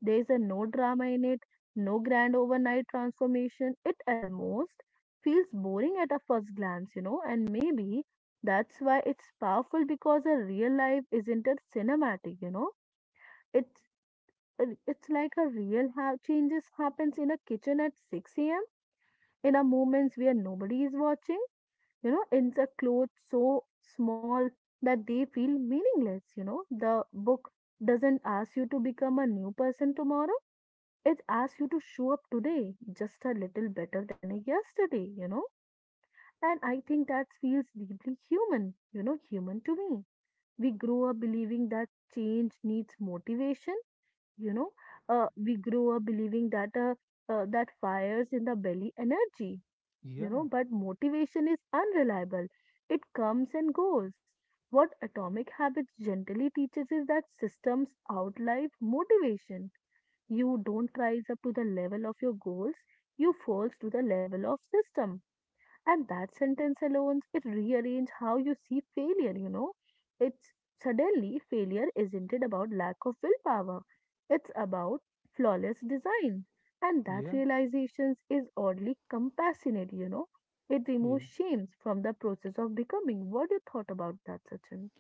Speaker 2: There is a no drama in it, no grand overnight transformation. It almost feels boring at a first glance, and maybe that's why it's powerful because a real life isn't a cinematic. It's it's like a real changes happens in a kitchen at 6 a.m. in a moments where nobody is watching. Insert clothes so small that they feel meaningless. The book doesn't ask you to become a new person tomorrow. It asks you to show up today just a little better than yesterday. And I think that feels deeply human, human to me. We grow up believing that change needs motivation, you know. We grow up believing that that fires in the belly energy,
Speaker 1: Yeah,
Speaker 2: but motivation is unreliable. It comes and goes. What Atomic Habits gently teaches is that systems outlive motivation. You don't rise up to the level of your goals, you fall to the level of system, and that sentence alone, it rearrange how you see failure. It's Suddenly failure isn't it about lack of willpower. It's about flawless design. And that
Speaker 1: yeah,
Speaker 2: realization is oddly compassionate. It
Speaker 1: yeah.
Speaker 2: removes shame from the process of becoming. What do you thought about that, Sachin?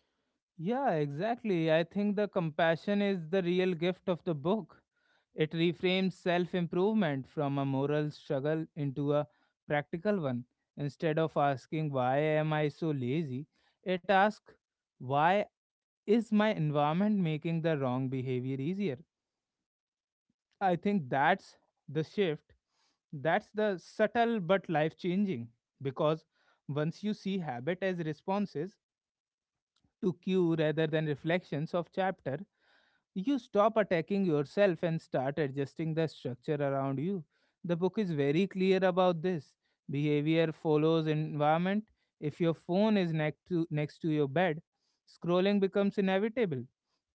Speaker 1: Yeah, exactly. I think the compassion is the real gift of the book. It reframes self improvement from a moral struggle into a practical one. Instead of asking, "Why am I so lazy?" it asks, "Why is my environment making the wrong behavior easier?" I think that's the shift. That's the subtle but life changing, because once you see habit as responses to cue rather than reflections of chapter, you stop attacking yourself and start adjusting the structure around you. The book is very clear about this. Behavior follows environment. If your phone is next to your bed, scrolling becomes inevitable.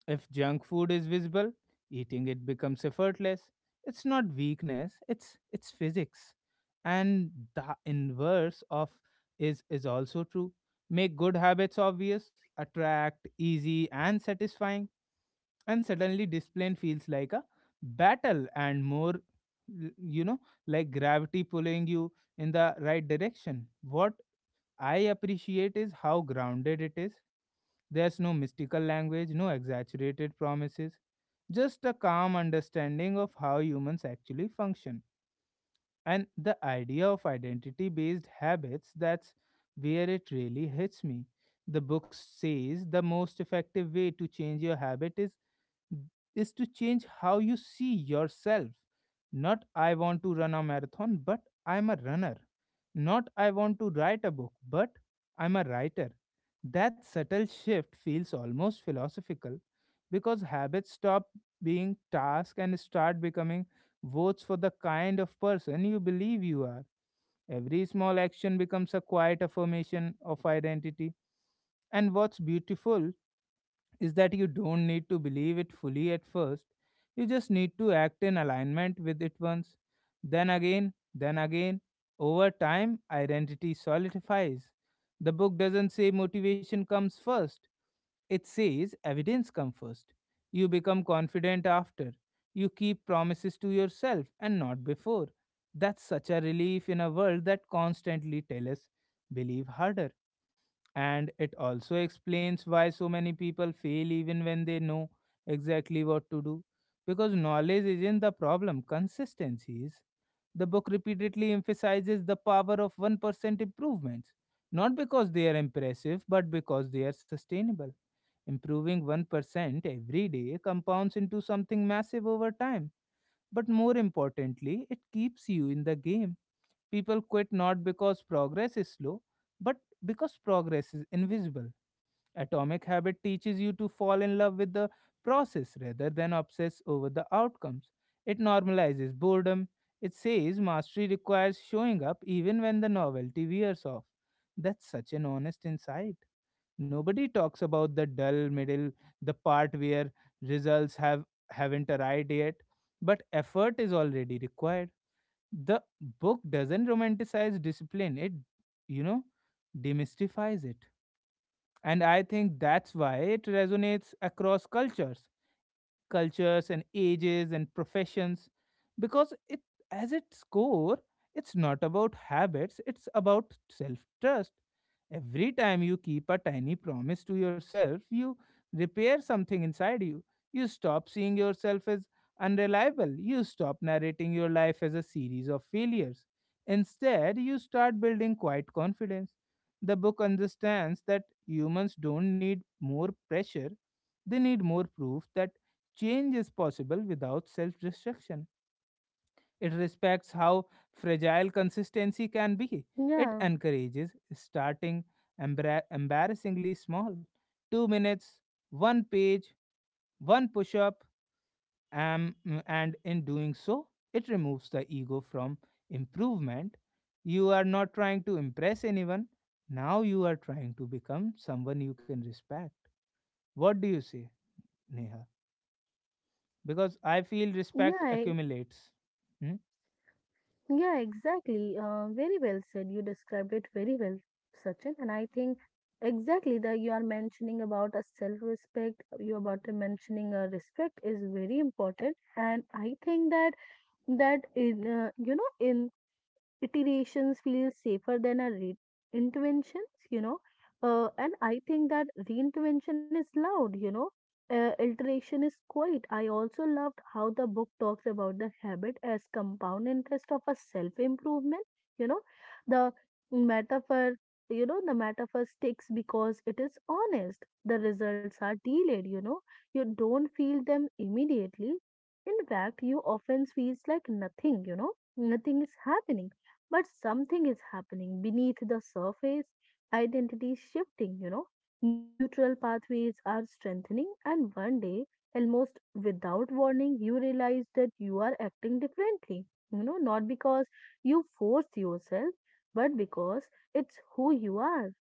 Speaker 1: If junk food is visible, eating it becomes effortless. It's not weakness, it's physics. And the inverse of is also true. Make good habits obvious, attract, easy and satisfying, and suddenly discipline feels like a battle and more like gravity pulling you in the right direction. What I appreciate is how grounded it is. There's no mystical language, no exaggerated promises, just a calm understanding of how humans actually function. And the idea of identity based habits, that's where it really hits me. The book says the most effective way to change your habit is to change how you see yourself. Not "I want to run a marathon," but "I'm a runner." Not "I want to write a book," but "I'm a writer." That subtle shift feels almost philosophical because habits stop being tasks and start becoming votes for the kind of person you believe you are. Every small action becomes a quiet affirmation of identity. And what's beautiful is that you don't need to believe it fully at first. You just need to act in alignment with it once. Then again, then again. Over time, identity solidifies. The book doesn't say motivation comes first, it says evidence comes first. You become confident after. You keep promises to yourself and not before. That's such a relief in a world that constantly tells us believe harder. And it also explains why so many people fail even when they know exactly what to do. Because knowledge isn't the problem, consistency is. The book repeatedly emphasizes the power of 1% improvements, not because they are impressive, but because they are sustainable. Improving 1% every day compounds into something massive over time, but more importantly, it keeps you in the game. People quit not because progress is slow, but because progress is invisible. Atomic Habit teaches you to fall in love with the process rather than obsess over the outcomes. It normalizes boredom. It says mastery requires showing up even when the novelty wears off. That's such an honest insight. Nobody talks about the dull middle, the part where results have haven't arrived yet, but effort is already required. The book doesn't romanticize discipline, it you know demystifies it. And I think that's why it resonates across cultures and ages and professions, because it as its core, it's not about habits, it's about self trust. Every time you keep a tiny promise to yourself, you repair something inside you. You stop seeing yourself as unreliable, you stop narrating your life as a series of failures. Instead, you start building quiet confidence. The book understands that humans don't need more pressure, they need more proof that change is possible without self destruction. It respects how fragile consistency can be. It
Speaker 2: Yeah,
Speaker 1: encourages starting embarrassingly small. 2 minutes, 1 page, 1 push up, and in doing so, it removes the ego from improvement. You are not trying to impress anyone. Now you are trying to become someone you can respect. What do you say, Neha? Because I feel respect
Speaker 2: yeah,
Speaker 1: accumulates. Hmm?
Speaker 2: yeah, exactly. Very well said. You described it very well, Sachin. And I think exactly that you are mentioning about a self-respect, you about to mentioning a respect is very important. And I think that in you know in iterations feel safer than a reinvention. And I think that reinvention is loud. Iteration is quiet. I also loved how the book talks about the habit as compound interest of a self improvement. You know, the metaphor, the metaphor sticks because it is honest. The results are delayed, you don't feel them immediately. In fact, you often feels like nothing, nothing is happening, but something is happening beneath the surface, identity is shifting. Neutral pathways are strengthening, and one day, almost without warning, you realize that you are acting differently. Not because you force yourself, but because it's who you are.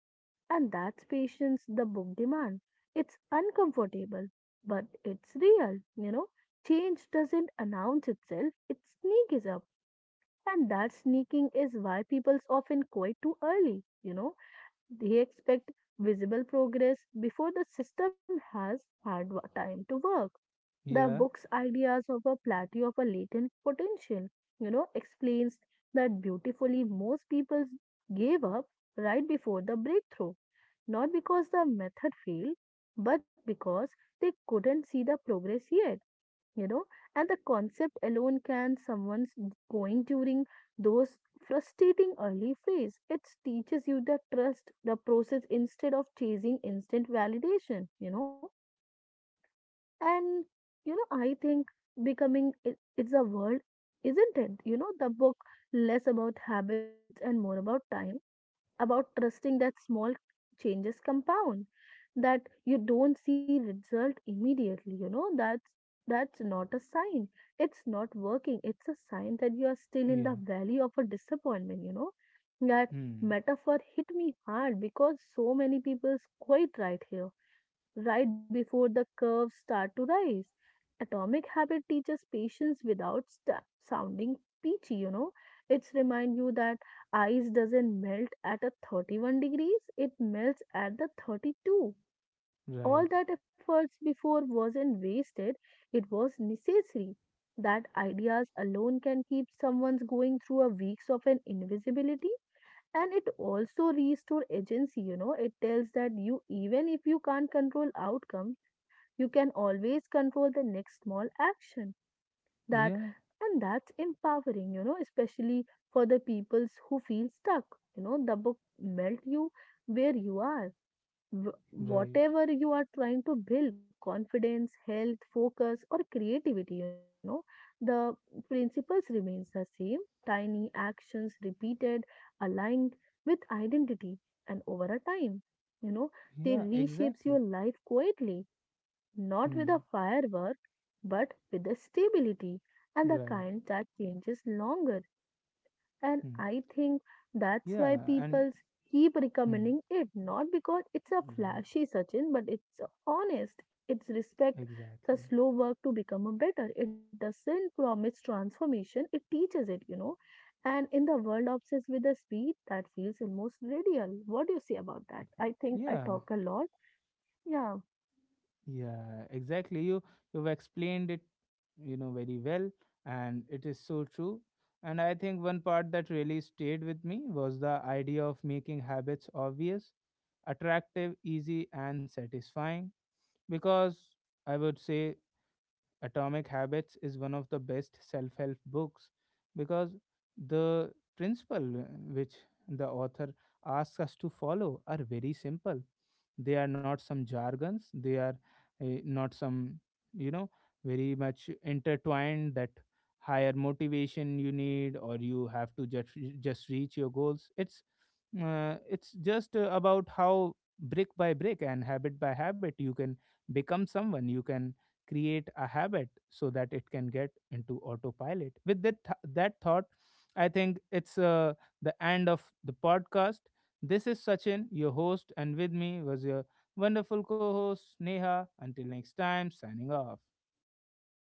Speaker 2: And that's patience the book demands. It's uncomfortable, but it's real. Change doesn't announce itself, it sneaks up, and that sneaking is why people's often quit too early. They expect visible progress before the system has had time to work. The
Speaker 1: Yeah,
Speaker 2: book's ideas of a plateau of a latent potential, explains that beautifully. Most people gave up right before the breakthrough, not because the method failed, but because they couldn't see the progress yet you know and the concept alone can someone's going during those frustrating early phase. It teaches you the trust the process instead of chasing instant validation. And I think becoming it's a word, isn't it. The book less about habits and more about time, about trusting that small changes compound, that you don't see result immediately. That's not a sign it's not working. It's a sign that you are still in the
Speaker 1: yeah.
Speaker 2: valley of a disappointment. That
Speaker 1: Hmm.
Speaker 2: metaphor hit me hard because so many people's quite right here, right before the curves start to rise. Atomic Habit teaches patience without sta sounding peachy. It's remind you that ice doesn't melt at a 31 degrees, it melts at the 32.
Speaker 1: Right.
Speaker 2: All that efforts before wasn't wasted, it was necessary. That ideas alone can keep someone going through a weeks of an invisibility, and it also restore agency. It tells that you even if you can't control outcome, you can always control the next small action. that
Speaker 1: Yeah,
Speaker 2: and that's empowering, especially for the peoples who feel stuck. The book melt you where you are.
Speaker 1: right.
Speaker 2: Whatever you are trying to build confidence health focus or creativity, the principles remains the same. Tiny actions repeated aligned with identity, and over a time you know they
Speaker 1: Yeah,
Speaker 2: reshapes your
Speaker 1: exactly.
Speaker 2: life quietly, not with
Speaker 1: Hmm.
Speaker 2: a firework but with a stability, and the
Speaker 1: Right.
Speaker 2: kind that changes longer. And
Speaker 1: Hmm.
Speaker 2: I think that's why
Speaker 1: Yeah, and
Speaker 2: people keep
Speaker 1: hmm,
Speaker 2: recommending it, not because it's a
Speaker 1: right.
Speaker 2: flashy Sachin, but it's honest. It's respect the
Speaker 1: Exactly.
Speaker 2: slow work to become a better. It doesn't promise transformation, it teaches it. And in the world obsessed with the speed, that feels almost radial. What do you say about that? I think I
Speaker 1: Yeah.
Speaker 2: talk a lot. Yeah.
Speaker 1: Yeah, exactly. You you've explained it, very well, and it is so true. And I think one part that really stayed with me was the idea of making habits obvious, attractive, easy, and satisfying, because I would say Atomic Habits is one of the best self help books because the principle which the author asks us to follow are very simple. They are not some jargons, they are not some, you know, very much intertwined that higher motivation you need or you have to just reach your goals. It's just about how brick by brick and habit by habit you can become someone. You can create a habit so that it can get into autopilot. With that thought, I think it's the end of the podcast. This is Sachin, your host, and with me was